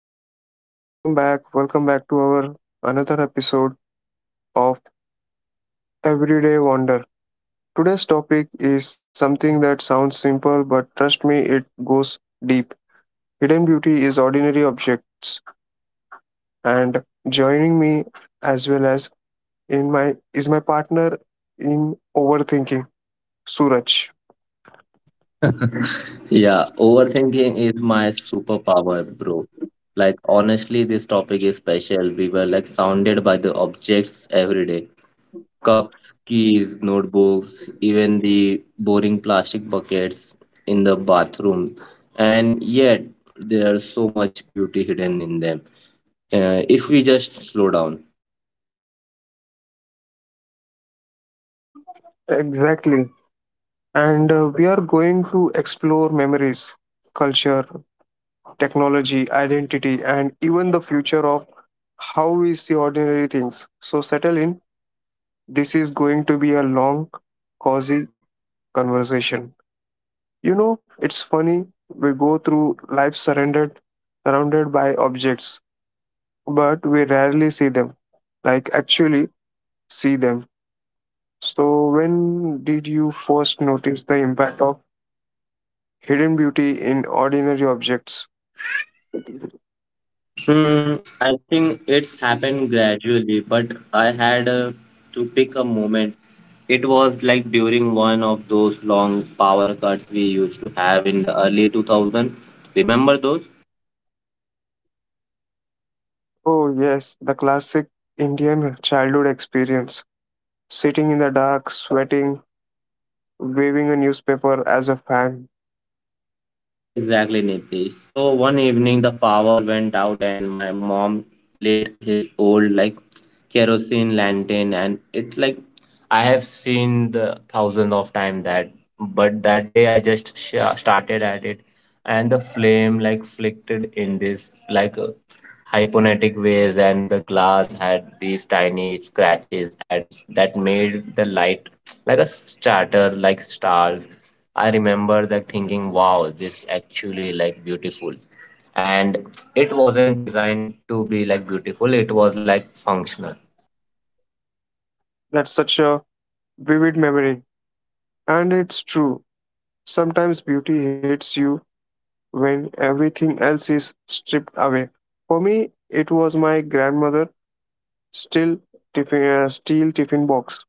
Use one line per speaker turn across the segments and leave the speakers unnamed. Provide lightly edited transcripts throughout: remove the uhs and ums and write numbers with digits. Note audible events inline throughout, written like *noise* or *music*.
Hey guys, welcome back. Welcome back to our another episode of Everyday Wonder. Today's topic is something that sounds simple, but trust me, it goes deep. Hidden beauty is ordinary objects, and joining me as well as in my is my partner in overthinking, Suraj.
Yeah, overthinking is my superpower, bro. Like, honestly, this topic is special. We were like sounded by the objects every day cups, keys, notebooks, even the boring plastic buckets in the bathroom. And yet, there's so much beauty hidden in them. If we just slow down.
Exactly. And we are going to explore memories, culture, technology, identity, and even the future of how we see ordinary things. So settle in. This is going to be a long, cozy conversation. It's funny. We go through life surrounded by objects, but we rarely see them. Like actually see them. So when did you first notice the impact of hidden beauty in ordinary objects?
Hmm, I think it's happened gradually, but I had to pick a moment. It was like during one of those long power cuts we used to have in the early 2000s. Remember those?
Oh yes, the classic Indian childhood experience. Sitting in the dark, sweating, waving a newspaper as a fan.
Exactly, Nitish. So one evening the power went out and my mom lit his old like kerosene lantern and it's like I have seen the thousands of time that but that day I just started at it and the flame like flickered in this like hypnotic ways and the glass had these tiny scratches and that made the light like a starter like stars. I remember that thinking, wow, this actually like beautiful. And it wasn't designed to be like beautiful, it was like functional.
That's such a vivid memory. And it's true. Sometimes beauty hits you when everything else is stripped away. For me, it was my grandmother still steel tiffin box.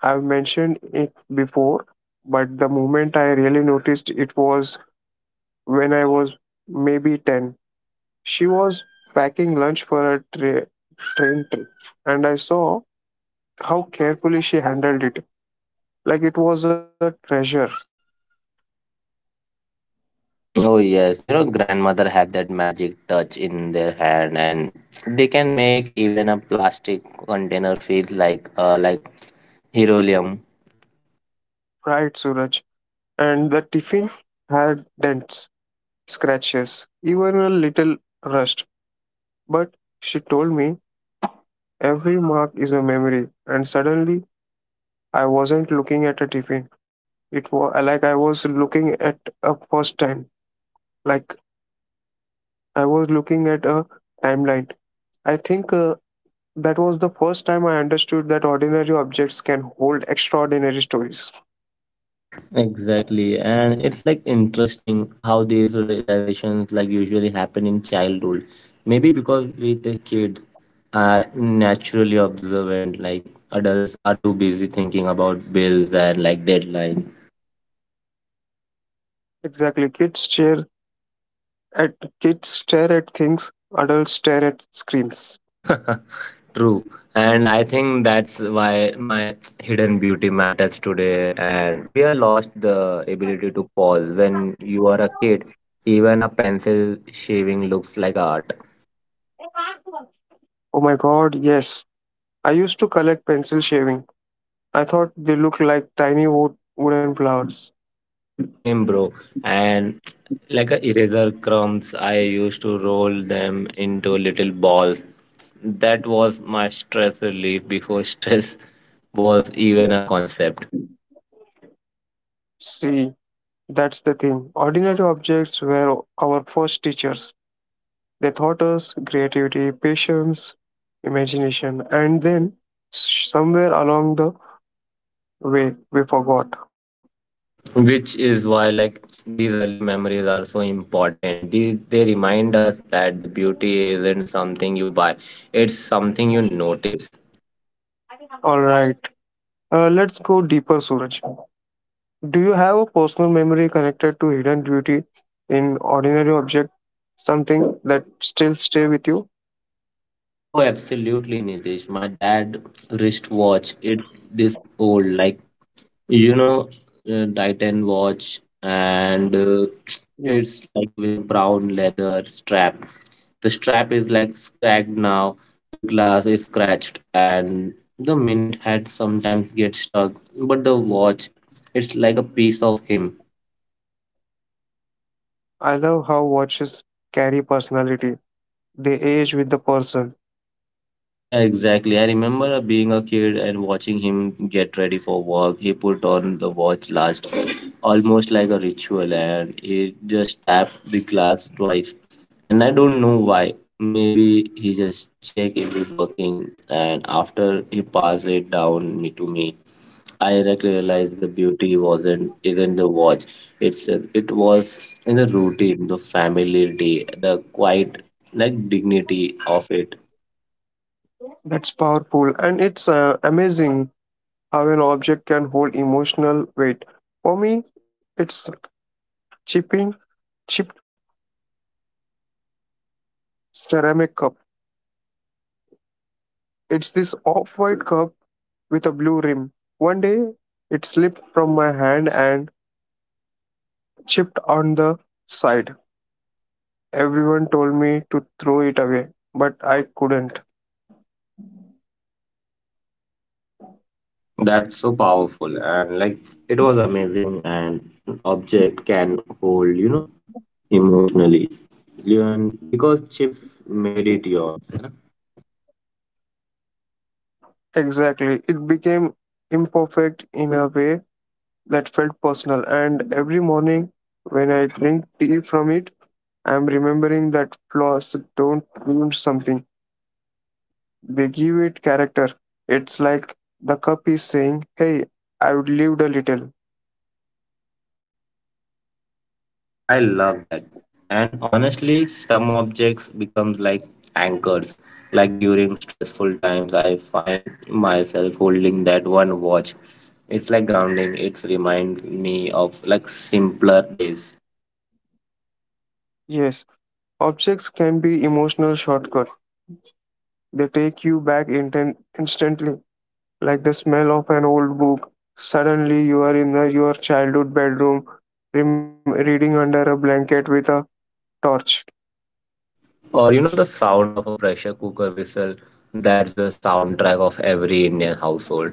I've mentioned it before, but the moment I really noticed it was when I was maybe 10. She was packing lunch for a train trip, and I saw how carefully she handled it. Like it was a treasure,
Oh yes, you know grandmother have that magic touch in their hand and they can make even a plastic container feel like heroium.
right, Suraj? And the tiffin had dents, scratches, even a little rust. But she told me every mark is a memory, and suddenly I wasn't looking at a tiffin. It was like I was looking at a first time, like I was looking at a timeline. I think that was the first time I understood that ordinary objects can hold extraordinary stories.
Exactly, and it's like interesting how these realizations like usually happen in childhood. Maybe because we the kids are naturally observant, like adults are too busy thinking about bills and like deadlines.
Exactly. At kids stare at things, adults stare at screens.
*laughs* True, and I think that's why my hidden beauty matters today, and we are lost the ability to pause. When you are a kid, even a pencil shaving looks like art.
Oh my god, yes. I used to collect pencil shaving. I thought they looked like tiny wooden flowers.
Same, bro. And like a eraser crumbs, I used to roll them into little balls. That was my stress relief before *laughs* stress was even a concept.
See, that's the thing. Ordinary objects were our first teachers. They taught us creativity, patience, imagination, and then somewhere along the way we forgot.
Which is why, like, these early memories are so important. They remind us that the beauty isn't something you buy, it's something you notice.
All right. Let's go deeper, Suraj. Do you have a personal memory connected to hidden beauty in ordinary object, something that still stay with you?
Oh, absolutely, Nitish. My dad wristwatch, it's this old, like, you know, Titan watch, and
Yes.
it's like with a brown leather strap. The strap is like cracked now, the glass is scratched, and the minute had sometimes get stuck. But the watch, it's like a piece of him.
I love how watches carry personality. They age with the person.
Yeah, exactly. I remember being a kid and watching him get ready for work. He put on the watch last, almost like a ritual, and he just tapped the glass twice. And I don't know why. Maybe he just checked if it's working, and after he passed it down me to me, I directly realized the beauty wasn't isn't the watch. It was in the routine, the familiarity, the quiet like dignity of it.
That's powerful, and it's amazing how an object can hold emotional weight. For me, it's chipping chipped ceramic cup. It's this off-white cup with a blue rim. One day, it slipped from my hand and chipped on the side. Everyone told me to throw it away, but I couldn't.
That's so powerful and like it was amazing and an object can hold, you know, emotionally. And because chips made it yours.
Exactly. It became imperfect in a way that felt personal, and every morning when I drink tea from it, I'm remembering that flaws don't ruin something, they give it character. It's like the cup is saying, "Hey, I've lived a little."
I love that. And honestly, some objects becomes like anchors. Like during stressful times, I find myself holding that one watch. It's like grounding. It reminds me of like simpler days.
Yes, objects can be emotional shortcut. They take you back instantly, like the smell of an old book. Suddenly, you are in your childhood bedroom, reading under a blanket with a torch.
Or you know the sound of a pressure cooker whistle, that's the soundtrack of every Indian household.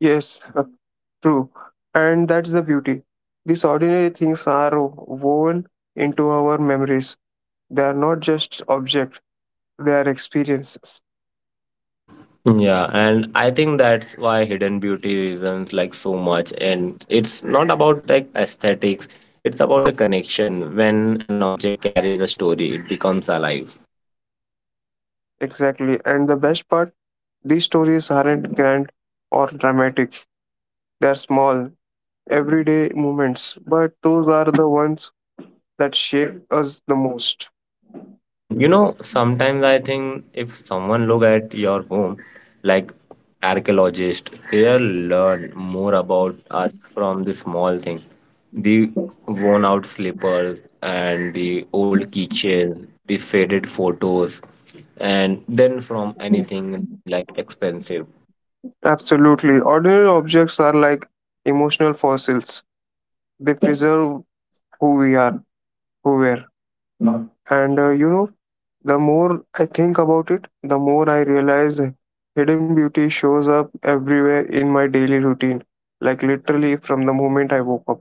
Yes, *laughs* true. And that's the beauty. These ordinary things are woven into our memories. They are not just objects, they are experiences.
Yeah, and I think that's why Hidden Beauty reasons like so much. And it's not about like aesthetics, it's about the connection. When an object carries a story, it becomes alive.
Exactly. And the best part, these stories aren't grand or dramatic. They are small, everyday moments. But those are the ones that shape us the most.
And you know, sometimes I think if someone look at your home, like archaeologist, they'll learn more about us from the small thing, the worn out slippers and the old keychain, the faded photos, and then from anything like expensive.
Absolutely. Ordinary objects are like emotional fossils. They preserve who we are, who we are. And the more I think about it, the more I realize hidden beauty shows up everywhere in my daily routine, like literally from the moment I woke up.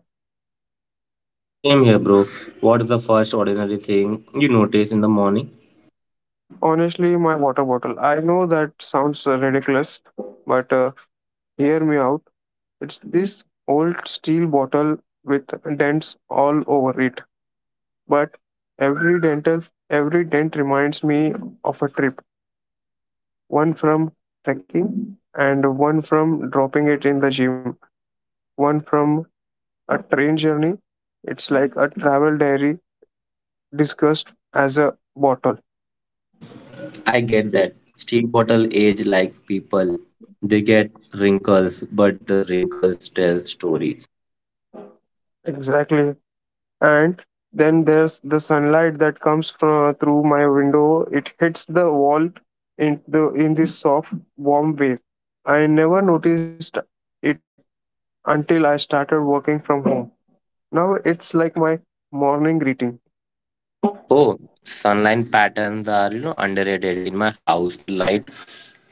Same here, bro. What's the first ordinary thing you notice in the morning?
Honestly, my water bottle. I know that sounds ridiculous, but hear me out. It's this old steel bottle with dents all over it. But every dental, every dent reminds me of a trip. One from trekking, and one from dropping it in the gym. One from a train journey, it's like a travel diary discussed as a bottle.
I get that. Steel bottle age like people. They get wrinkles, but the wrinkles tell stories.
Exactly. And then there's the sunlight that comes from through my window. It hits the wall in this soft, warm wave. I never noticed it until I started working from home. Now it's like my morning greeting.
Oh, sunlight patterns are, you know, underrated. In my house, the light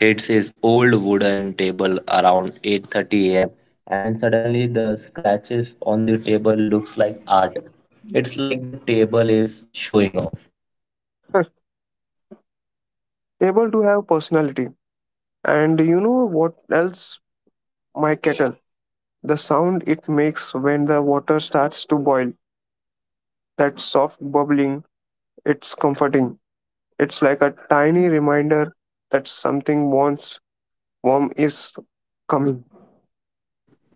hits his old wooden table around 8:30 a.m. and suddenly the scratches on the table looks like art. It's like the table is showing off.
*laughs* Able to have personality. And you know what else? My kettle. The sound it makes when the water starts to boil, that soft bubbling, it's comforting. It's like a tiny reminder that something once warm is coming.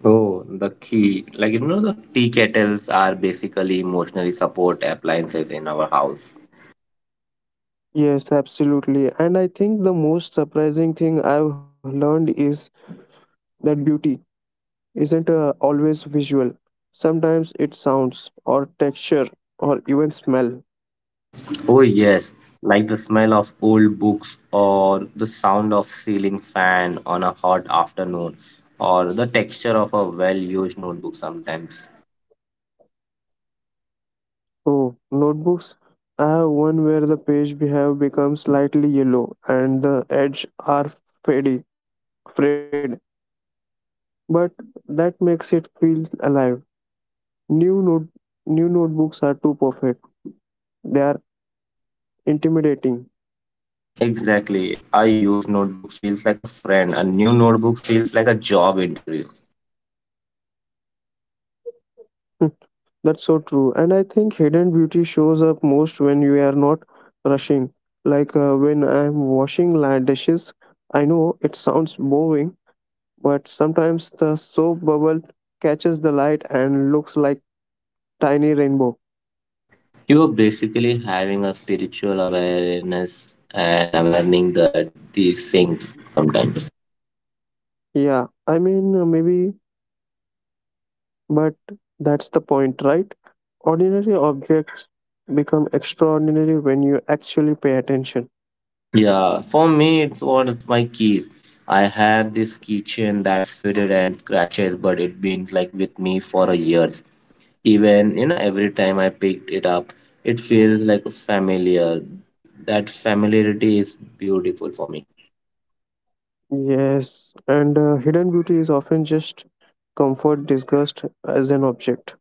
Oh, the key. Like, you know, the tea kettles are basically emotionally support appliances in our house.
Yes, absolutely. And I think the most surprising thing I've learned is that beauty isn't always visual. Sometimes it sounds, or texture, or even smell.
Oh, yes, like the smell of old books or the sound of ceiling fan on a hot afternoon or the texture of a well-used notebook sometimes.
Oh, notebooks. I have one where the page have become slightly yellow and the edges are faded, frayed, but that makes it feel alive. New note, new notebooks are too perfect. They are intimidating.
Exactly. A used notebook feels like a friend. A new notebook feels like a job interview.
*laughs* That's so true. And I think hidden beauty shows up most when you are not rushing. Like when I'm washing dishes, I know it sounds boring, but sometimes the soap bubble catches the light and looks like tiny rainbow.
You are basically having a spiritual awareness and awarening the these things sometimes.
Yeah, I mean, maybe, but that's the point, right? Ordinary objects become extraordinary when you actually pay attention.
Yeah, for me, it's one of my keys. I had this keychain that faded and scratches, but it been like with me for a years. Even you know, every time I picked it up, it feels like familiar. That familiarity is beautiful for me.
Yes, and hidden beauty is often just comfort disguised as an object.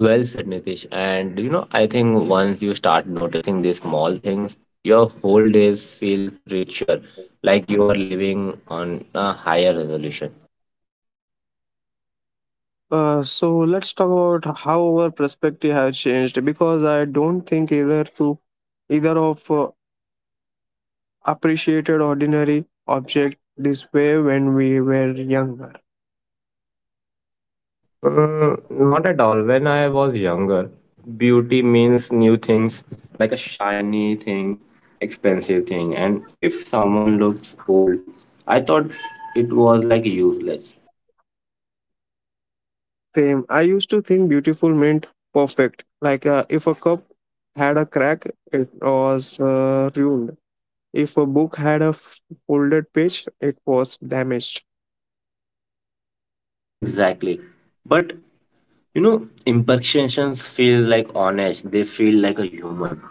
Well said, Nitish. And you know, I think once you start noticing these small things, your whole day feels richer, like you are living on a higher resolution.
So let's talk about how our perspective has changed because I don't think either of appreciated ordinary object this way when we were younger.
Mm, not at all. When I was younger, beauty means new things, like a shiny thing, expensive thing. And if someone looks old, I thought it was like useless.
Same, I used to think beautiful meant perfect. Like if a cup had a crack, it was ruined. If a book had a folded page, it was damaged.
Exactly. But you know, imperfections feel like honest, they feel like a human.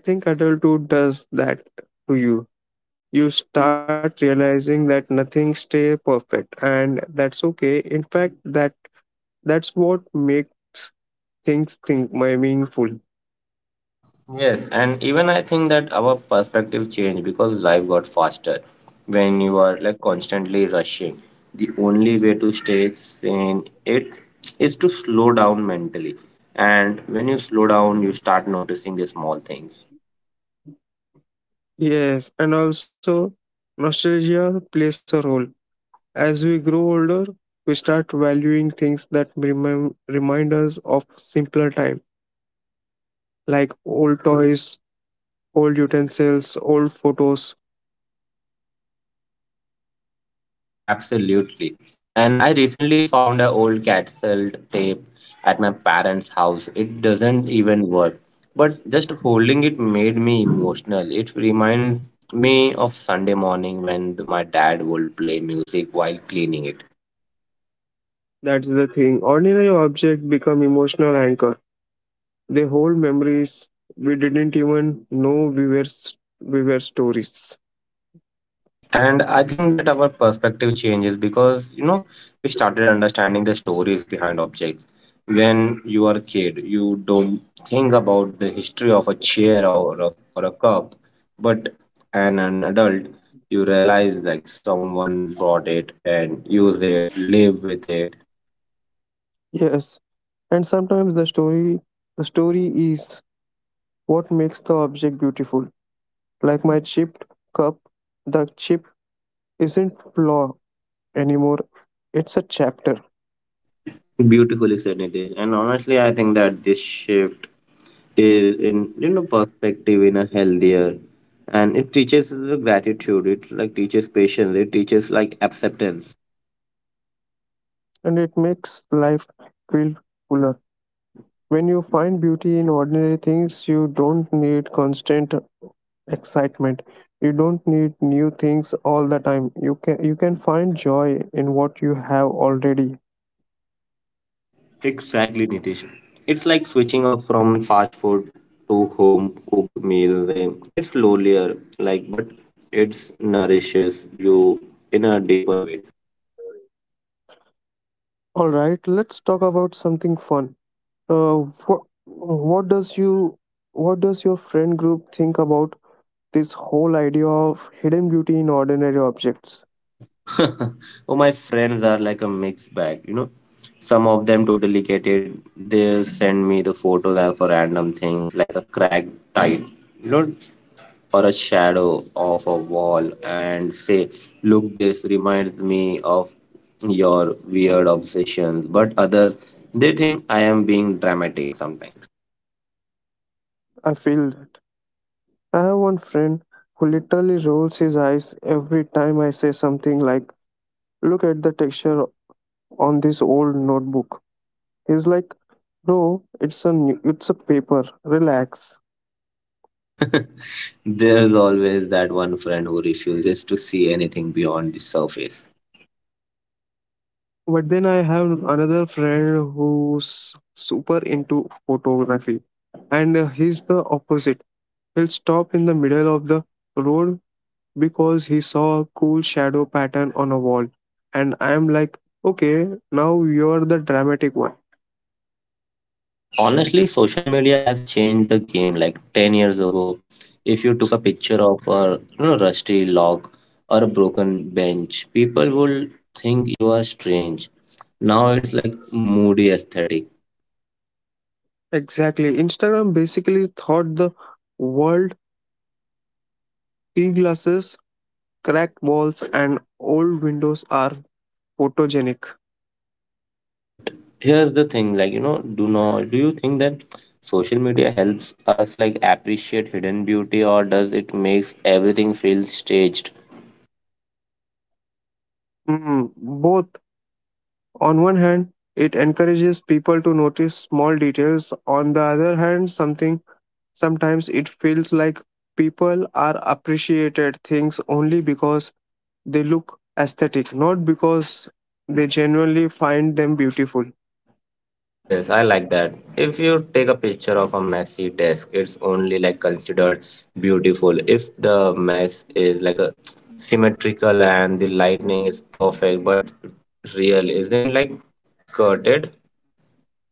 I think adulthood does that to you. You start realizing that nothing stay perfect and that's okay. In fact, that's what makes things think my meaningful.
Yes, and even I think that our perspective changed because life got faster. When you are like constantly rushing, the only way to stay sane it is to slow down mentally. And when you slow down, you start noticing the small things.
Yes, and also nostalgia plays a role. As we grow older, we start valuing things that remind us of simpler time, like old toys, old utensils, old photos.
Absolutely. And I recently found an old cassette tape at my parents' house. It doesn't even work, but just holding it made me emotional. It reminds me of Sunday morning when my dad would play music while cleaning it.
That's the thing. Ordinary objects become emotional anchor. They hold memories we didn't even know we were stories.
And I think that our perspective changes because you know we started understanding the stories behind objects. When you are a kid, you don't think about the history of a chair or a cup, but an adult, you realize like someone bought it and used it, live with it.
Yes, and sometimes the story is what makes the object beautiful. Like my chipped cup, the chip isn't flaw anymore. It's a chapter,
Beautifully said, Nitesh. And honestly, I think that this shift is in you know perspective in a healthier, and it teaches the gratitude. It like teaches patience. It teaches like acceptance.
and it makes life feel fuller. When you find beauty in ordinary things, you don't need constant excitement. You don't need new things all the time. You can find joy in what you have already.
Exactly, Nitesh. It's like switching off from fast food to home cooked meals. Eh. It's slowlier, like, but it's nourishes you in a deeper way.
All right, let's talk about something fun. Uh, what what does you what does your friend group think about this whole idea of hidden beauty in ordinary objects?
*laughs* Oh, my friends are like a mixed bag, you know. Some of them totally get it. They'll send me the photos of a random things like a cracked tile, you know, or a shadow of a wall and say, look, this reminds me of your weird obsessions. But others, they think I am being dramatic sometimes.
I feel that. I have one friend who literally rolls his eyes every time I say something like, "Look at the texture on this old notebook." He's like, "Bro, it's a paper, relax."
*laughs* There's always that one friend who refuses to see anything beyond the surface.
But then I have another friend who's super into photography, and he's the opposite. He'll stop in the middle of the road because he saw a cool shadow pattern on a wall. And I'm like, okay, now you're the dramatic one.
Honestly, social media has changed the game. Like 10 years ago, if you took a picture of a you know, rusty log or a broken bench, people would think you are strange. Now it's like moody aesthetic.
Exactly. Instagram basically thought the world tea glasses, cracked walls, and old windows are photogenic.
But here's the thing, like you know, do not do you think that social media helps us like appreciate hidden beauty or does it makes everything feel staged?
Mm, both. On one hand, it encourages people to notice small details. On the other hand, something sometimes it feels like people are appreciated things only because they look aesthetic, not because they genuinely find them beautiful.
Yes, I like that. If you take a picture of a messy desk, it's only like considered beautiful if the mess is like a symmetrical and the lighting is perfect, but real isn't like curted.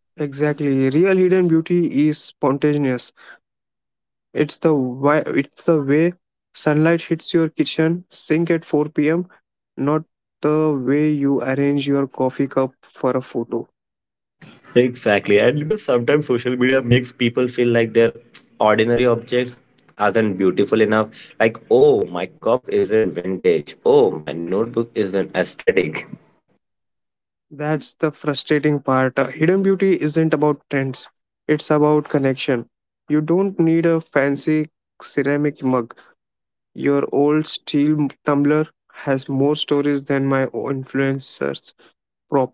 Exactly. Real hidden beauty is spontaneous. It's the way sunlight hits your kitchen sink at 4 p.m. not the way you arrange your coffee cup for a photo.
Exactly. And you know, sometimes social media makes people feel like their ordinary objects aren't beautiful enough. Like, oh, my cup isn't vintage. Oh, my notebook isn't aesthetic. *laughs*
That's the frustrating part. Hidden beauty isn't about trends, it's about connection. You don't need a fancy ceramic mug. Your old steel tumbler has more stories than my influencers prop.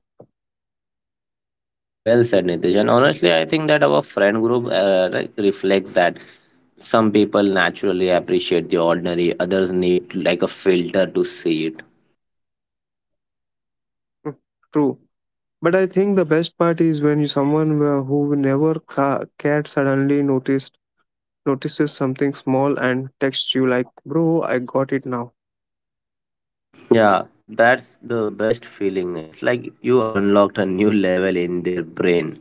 Well said, Nitish. And honestly, I think that our friend group reflects that some people naturally appreciate the ordinary, others need like a filter to see it.
Mm, true. But I think the best part is when you someone who never cared suddenly noticed notices something small and texts you like, "Bro, I got it now."
Yeah, that's the best feeling. It's like you unlocked a new level in their brain.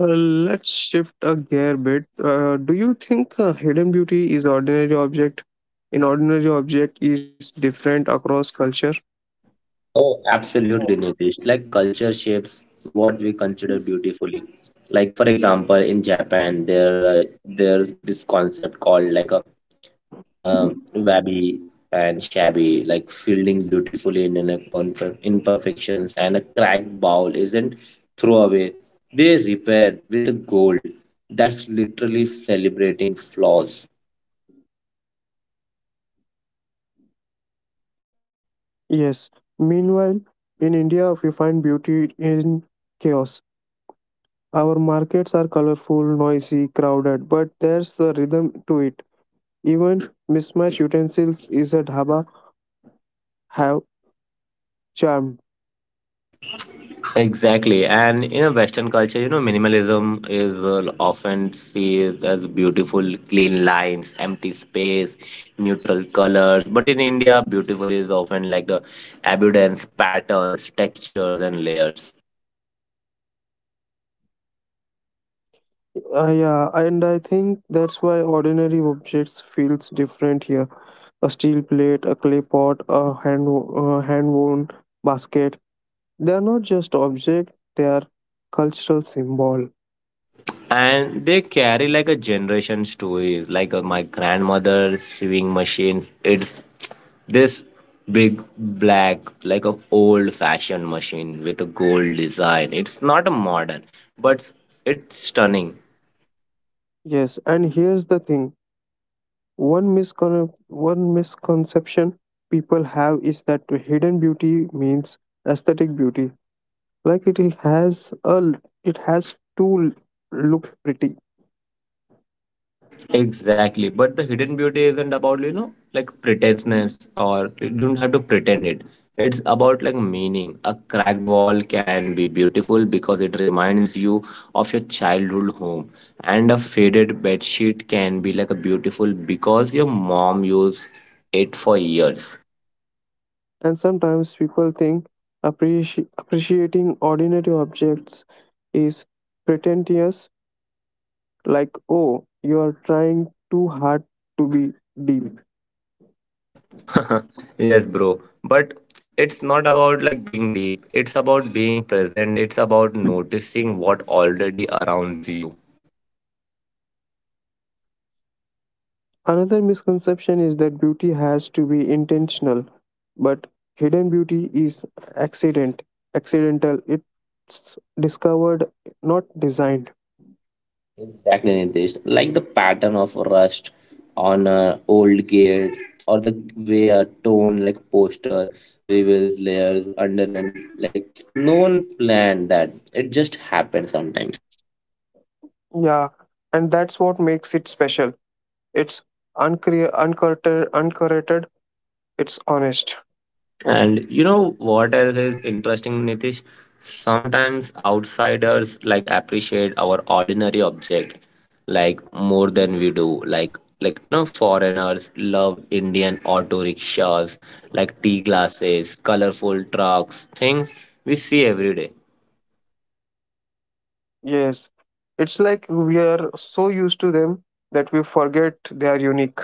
Let's shift a gear bit. Do you think hidden beauty is ordinary object? In ordinary object is different across culture.
Oh, absolutely, Nitish. Like culture shapes what we consider beautifully. Like for example, in Japan, there's this concept called like a Wabi and shabby, like fielding beautifully in a perfect imperfections and a cracked bowl isn't throwaway. They repair with a gold. That's literally celebrating flaws.
Yes. Meanwhile, in India, we find beauty in chaos. Our markets are colorful, noisy, crowded, but there's a rhythm to it. Even mismatched utensils is a dhaba have charm.
Exactly, and in a Western culture, you know, minimalism is often seen as beautiful, clean lines, empty space, neutral colors. But in India, beautiful is often like the abundance, patterns, textures, and layers.
Yeah, and I think that's why ordinary objects feels different here. A steel plate, a clay pot, a hand woven basket. They are not just object; they are cultural symbol.
And they carry like a generation story like my grandmother sewing machine, it's this big black like a old fashioned machine with a gold design. It's not a modern, but it's stunning.
Yes, and here's the thing: one misconception people have is that hidden beauty means aesthetic beauty, like it has to look pretty.
Exactly. But the hidden beauty isn't about, you know, like pretenseness or you don't have to pretend it. It's about like meaning. A cracked wall can be beautiful because it reminds you of your childhood home. And a faded bed sheet can be like a beautiful because your mom used it for years.
And sometimes people think appreciating ordinary objects is pretentious, like, oh, you are trying too hard to be deep.
*laughs* Yes, bro. But it's not about like being deep. It's about being present. It's about noticing what already around you.
Another misconception is that beauty has to be intentional, but hidden beauty is accident, accidental. It's discovered, not designed.
Exactly, Nitish. Like the pattern of rust on a old gate or the way a tone like poster reveals layers under it. Like no one planned that. It just happened sometimes.
Yeah, and that's what makes it special. It's uncurated, it's honest.
And you know what else is interesting, Nitish? Sometimes outsiders like appreciate our ordinary object like more than we do. Like no foreigners love Indian auto rickshaws, like tea glasses, colorful trucks, things we see every day.
Yes. It's like we are so used to them that we forget they are unique.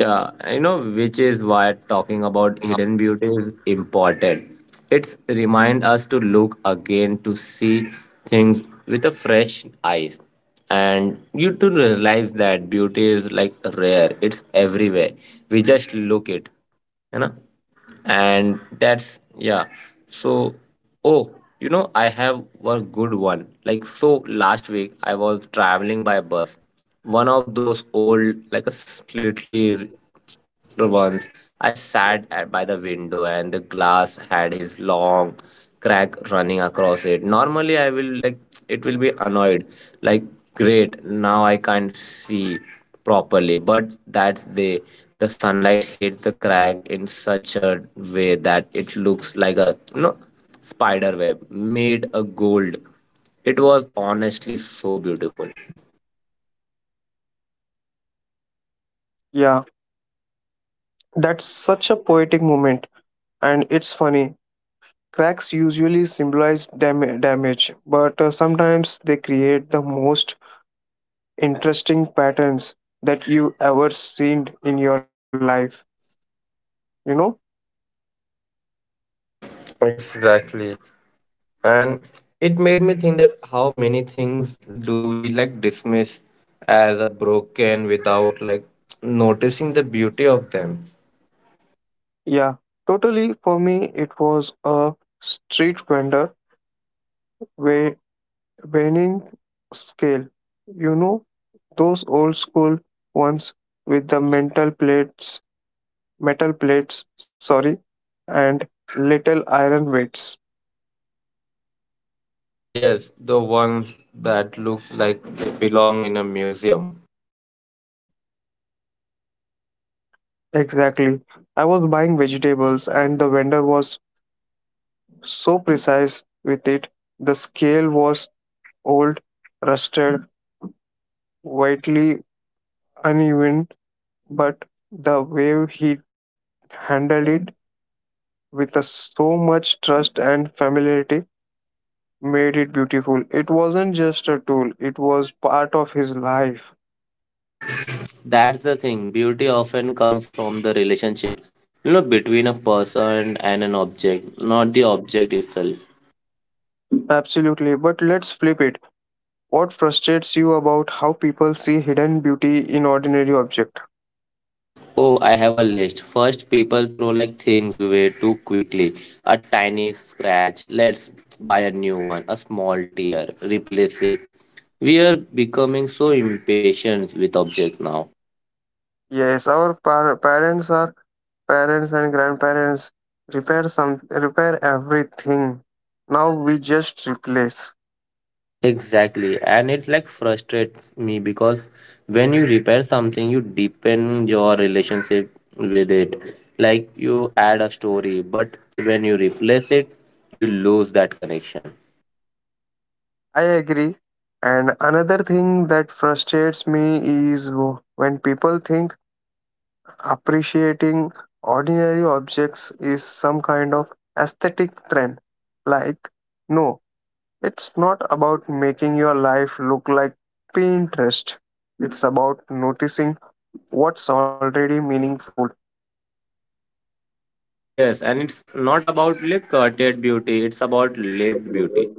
Yeah, you know, which is why talking about hidden beauty is important. It's remind us to look again to see things with a fresh eyes, and you to realize that beauty is like rare. It's everywhere. We just look it, you know, and that's yeah. So, oh, you know, I have one good one. Like so, last week I was traveling by bus, one of those old like a slightly once. I sat at, by the window and the glass had his long crack running across it. Normally, I will like it will be annoyed, like great now I can't see properly. But that day, the sunlight hit the crack in such a way that it looks like a you know spider web made a gold. It was honestly so beautiful.
Yeah, that's such a poetic moment. And it's funny. Cracks usually symbolize damage, but sometimes they create the most interesting patterns that you ever seen in your life. You know?
Exactly. And it made me think that how many things do we like dismiss as a broken without like noticing the beauty of them.
Yeah, totally. For me, it was a street vendor wa- weighing scale. You know, those old school ones with the metal plates, sorry, and little iron weights.
Yes, the ones that looks like they belong in a museum.
Exactly. I was buying vegetables, and the vendor was so precise with it. The scale was old, rusted, widely uneven, but the way he handled it with so much trust and familiarity made it beautiful. It wasn't just a tool, it was part of his life.
That's the thing. Beauty often comes from the relationship, you know, between a person and an object, not the object itself.
Absolutely. But let's flip it. What frustrates you about how people see hidden beauty in ordinary objects?
Oh, I have a list. First, people throw like things way too quickly. A tiny scratch, let's buy a new one. A small tear, replace it. We are becoming so impatient with objects now.
Yes, our parents and grandparents repair everything. Now we just replace.
Exactly, and it's like frustrates me because when you repair something, you deepen your relationship with it. Like you add a story, but when you replace it, you lose that connection.
I agree. And another thing that frustrates me is when people think appreciating ordinary objects is some kind of aesthetic trend. Like, no, it's not about making your life look like Pinterest. It's about noticing what's already meaningful.
Yes, and it's not about like curtailed beauty, it's about lived beauty.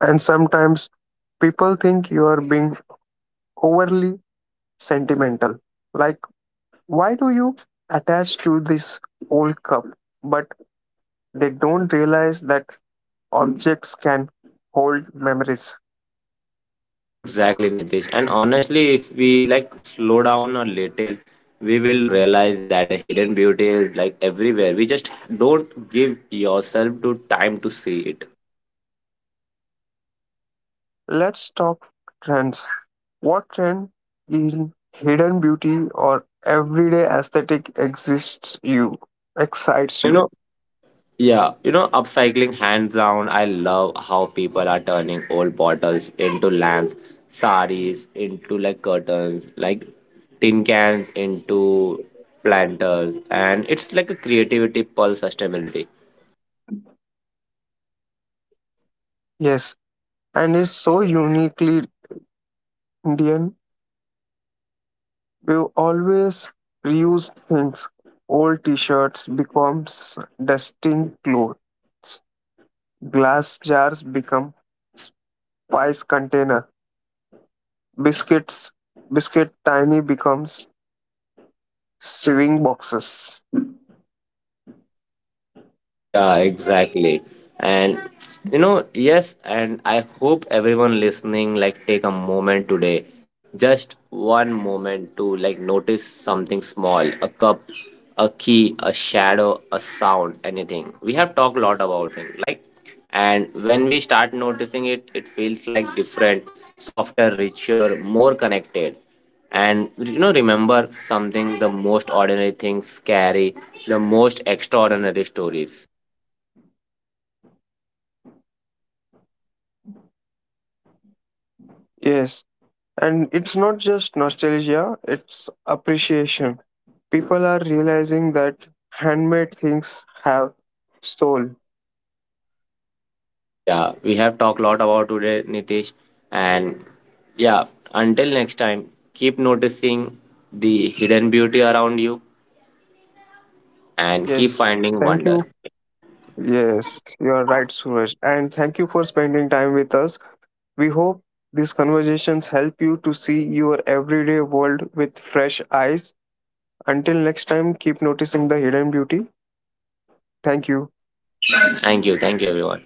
And sometimes people think you are being overly sentimental. Like, why do you attach to this old cup? But they don't realize that objects can hold memories.
Exactly, Nitish. And honestly, if we like slow down a little, we will realize that the hidden beauty is like everywhere. We just don't give yourself to time to see it.
Let's talk trends. What trend in hidden beauty or everyday aesthetic excites
You
you?
know? Yeah, you know, upcycling hands down. I love how people are turning old bottles into lamps, saris into like curtains, like tin cans into planters, and it's like a creativity pulse sustainability.
Yes, and is so uniquely Indian. We always reuse things. Old t-shirts becomes dusting clothes. Glass jars become spice container. Biscuits, biscuit tiny becomes sewing boxes.
Yeah, exactly. And you know, yes, and I hope everyone listening like take a moment today, just one moment to like notice something small, a cup, a key, a shadow, a sound, anything. We have talked a lot about it, like and when we start noticing it, it feels like different, softer, richer, more connected. And you know, remember something the most ordinary things carry the most extraordinary stories.
Yes, and it's not just nostalgia, it's appreciation. People are realizing that handmade things have soul.
Yeah, we have talked a lot about today, Nitish. And yeah, until next time, keep noticing the hidden beauty around you and
Yes.
keep finding
Thank you.
wonder.
Yes, you are right, Suraj. And thank you for spending time with us. We hope these conversations help you to see your everyday world with fresh eyes. Until next time, keep noticing the hidden beauty. Thank you.
Thank you. Thank you, everyone.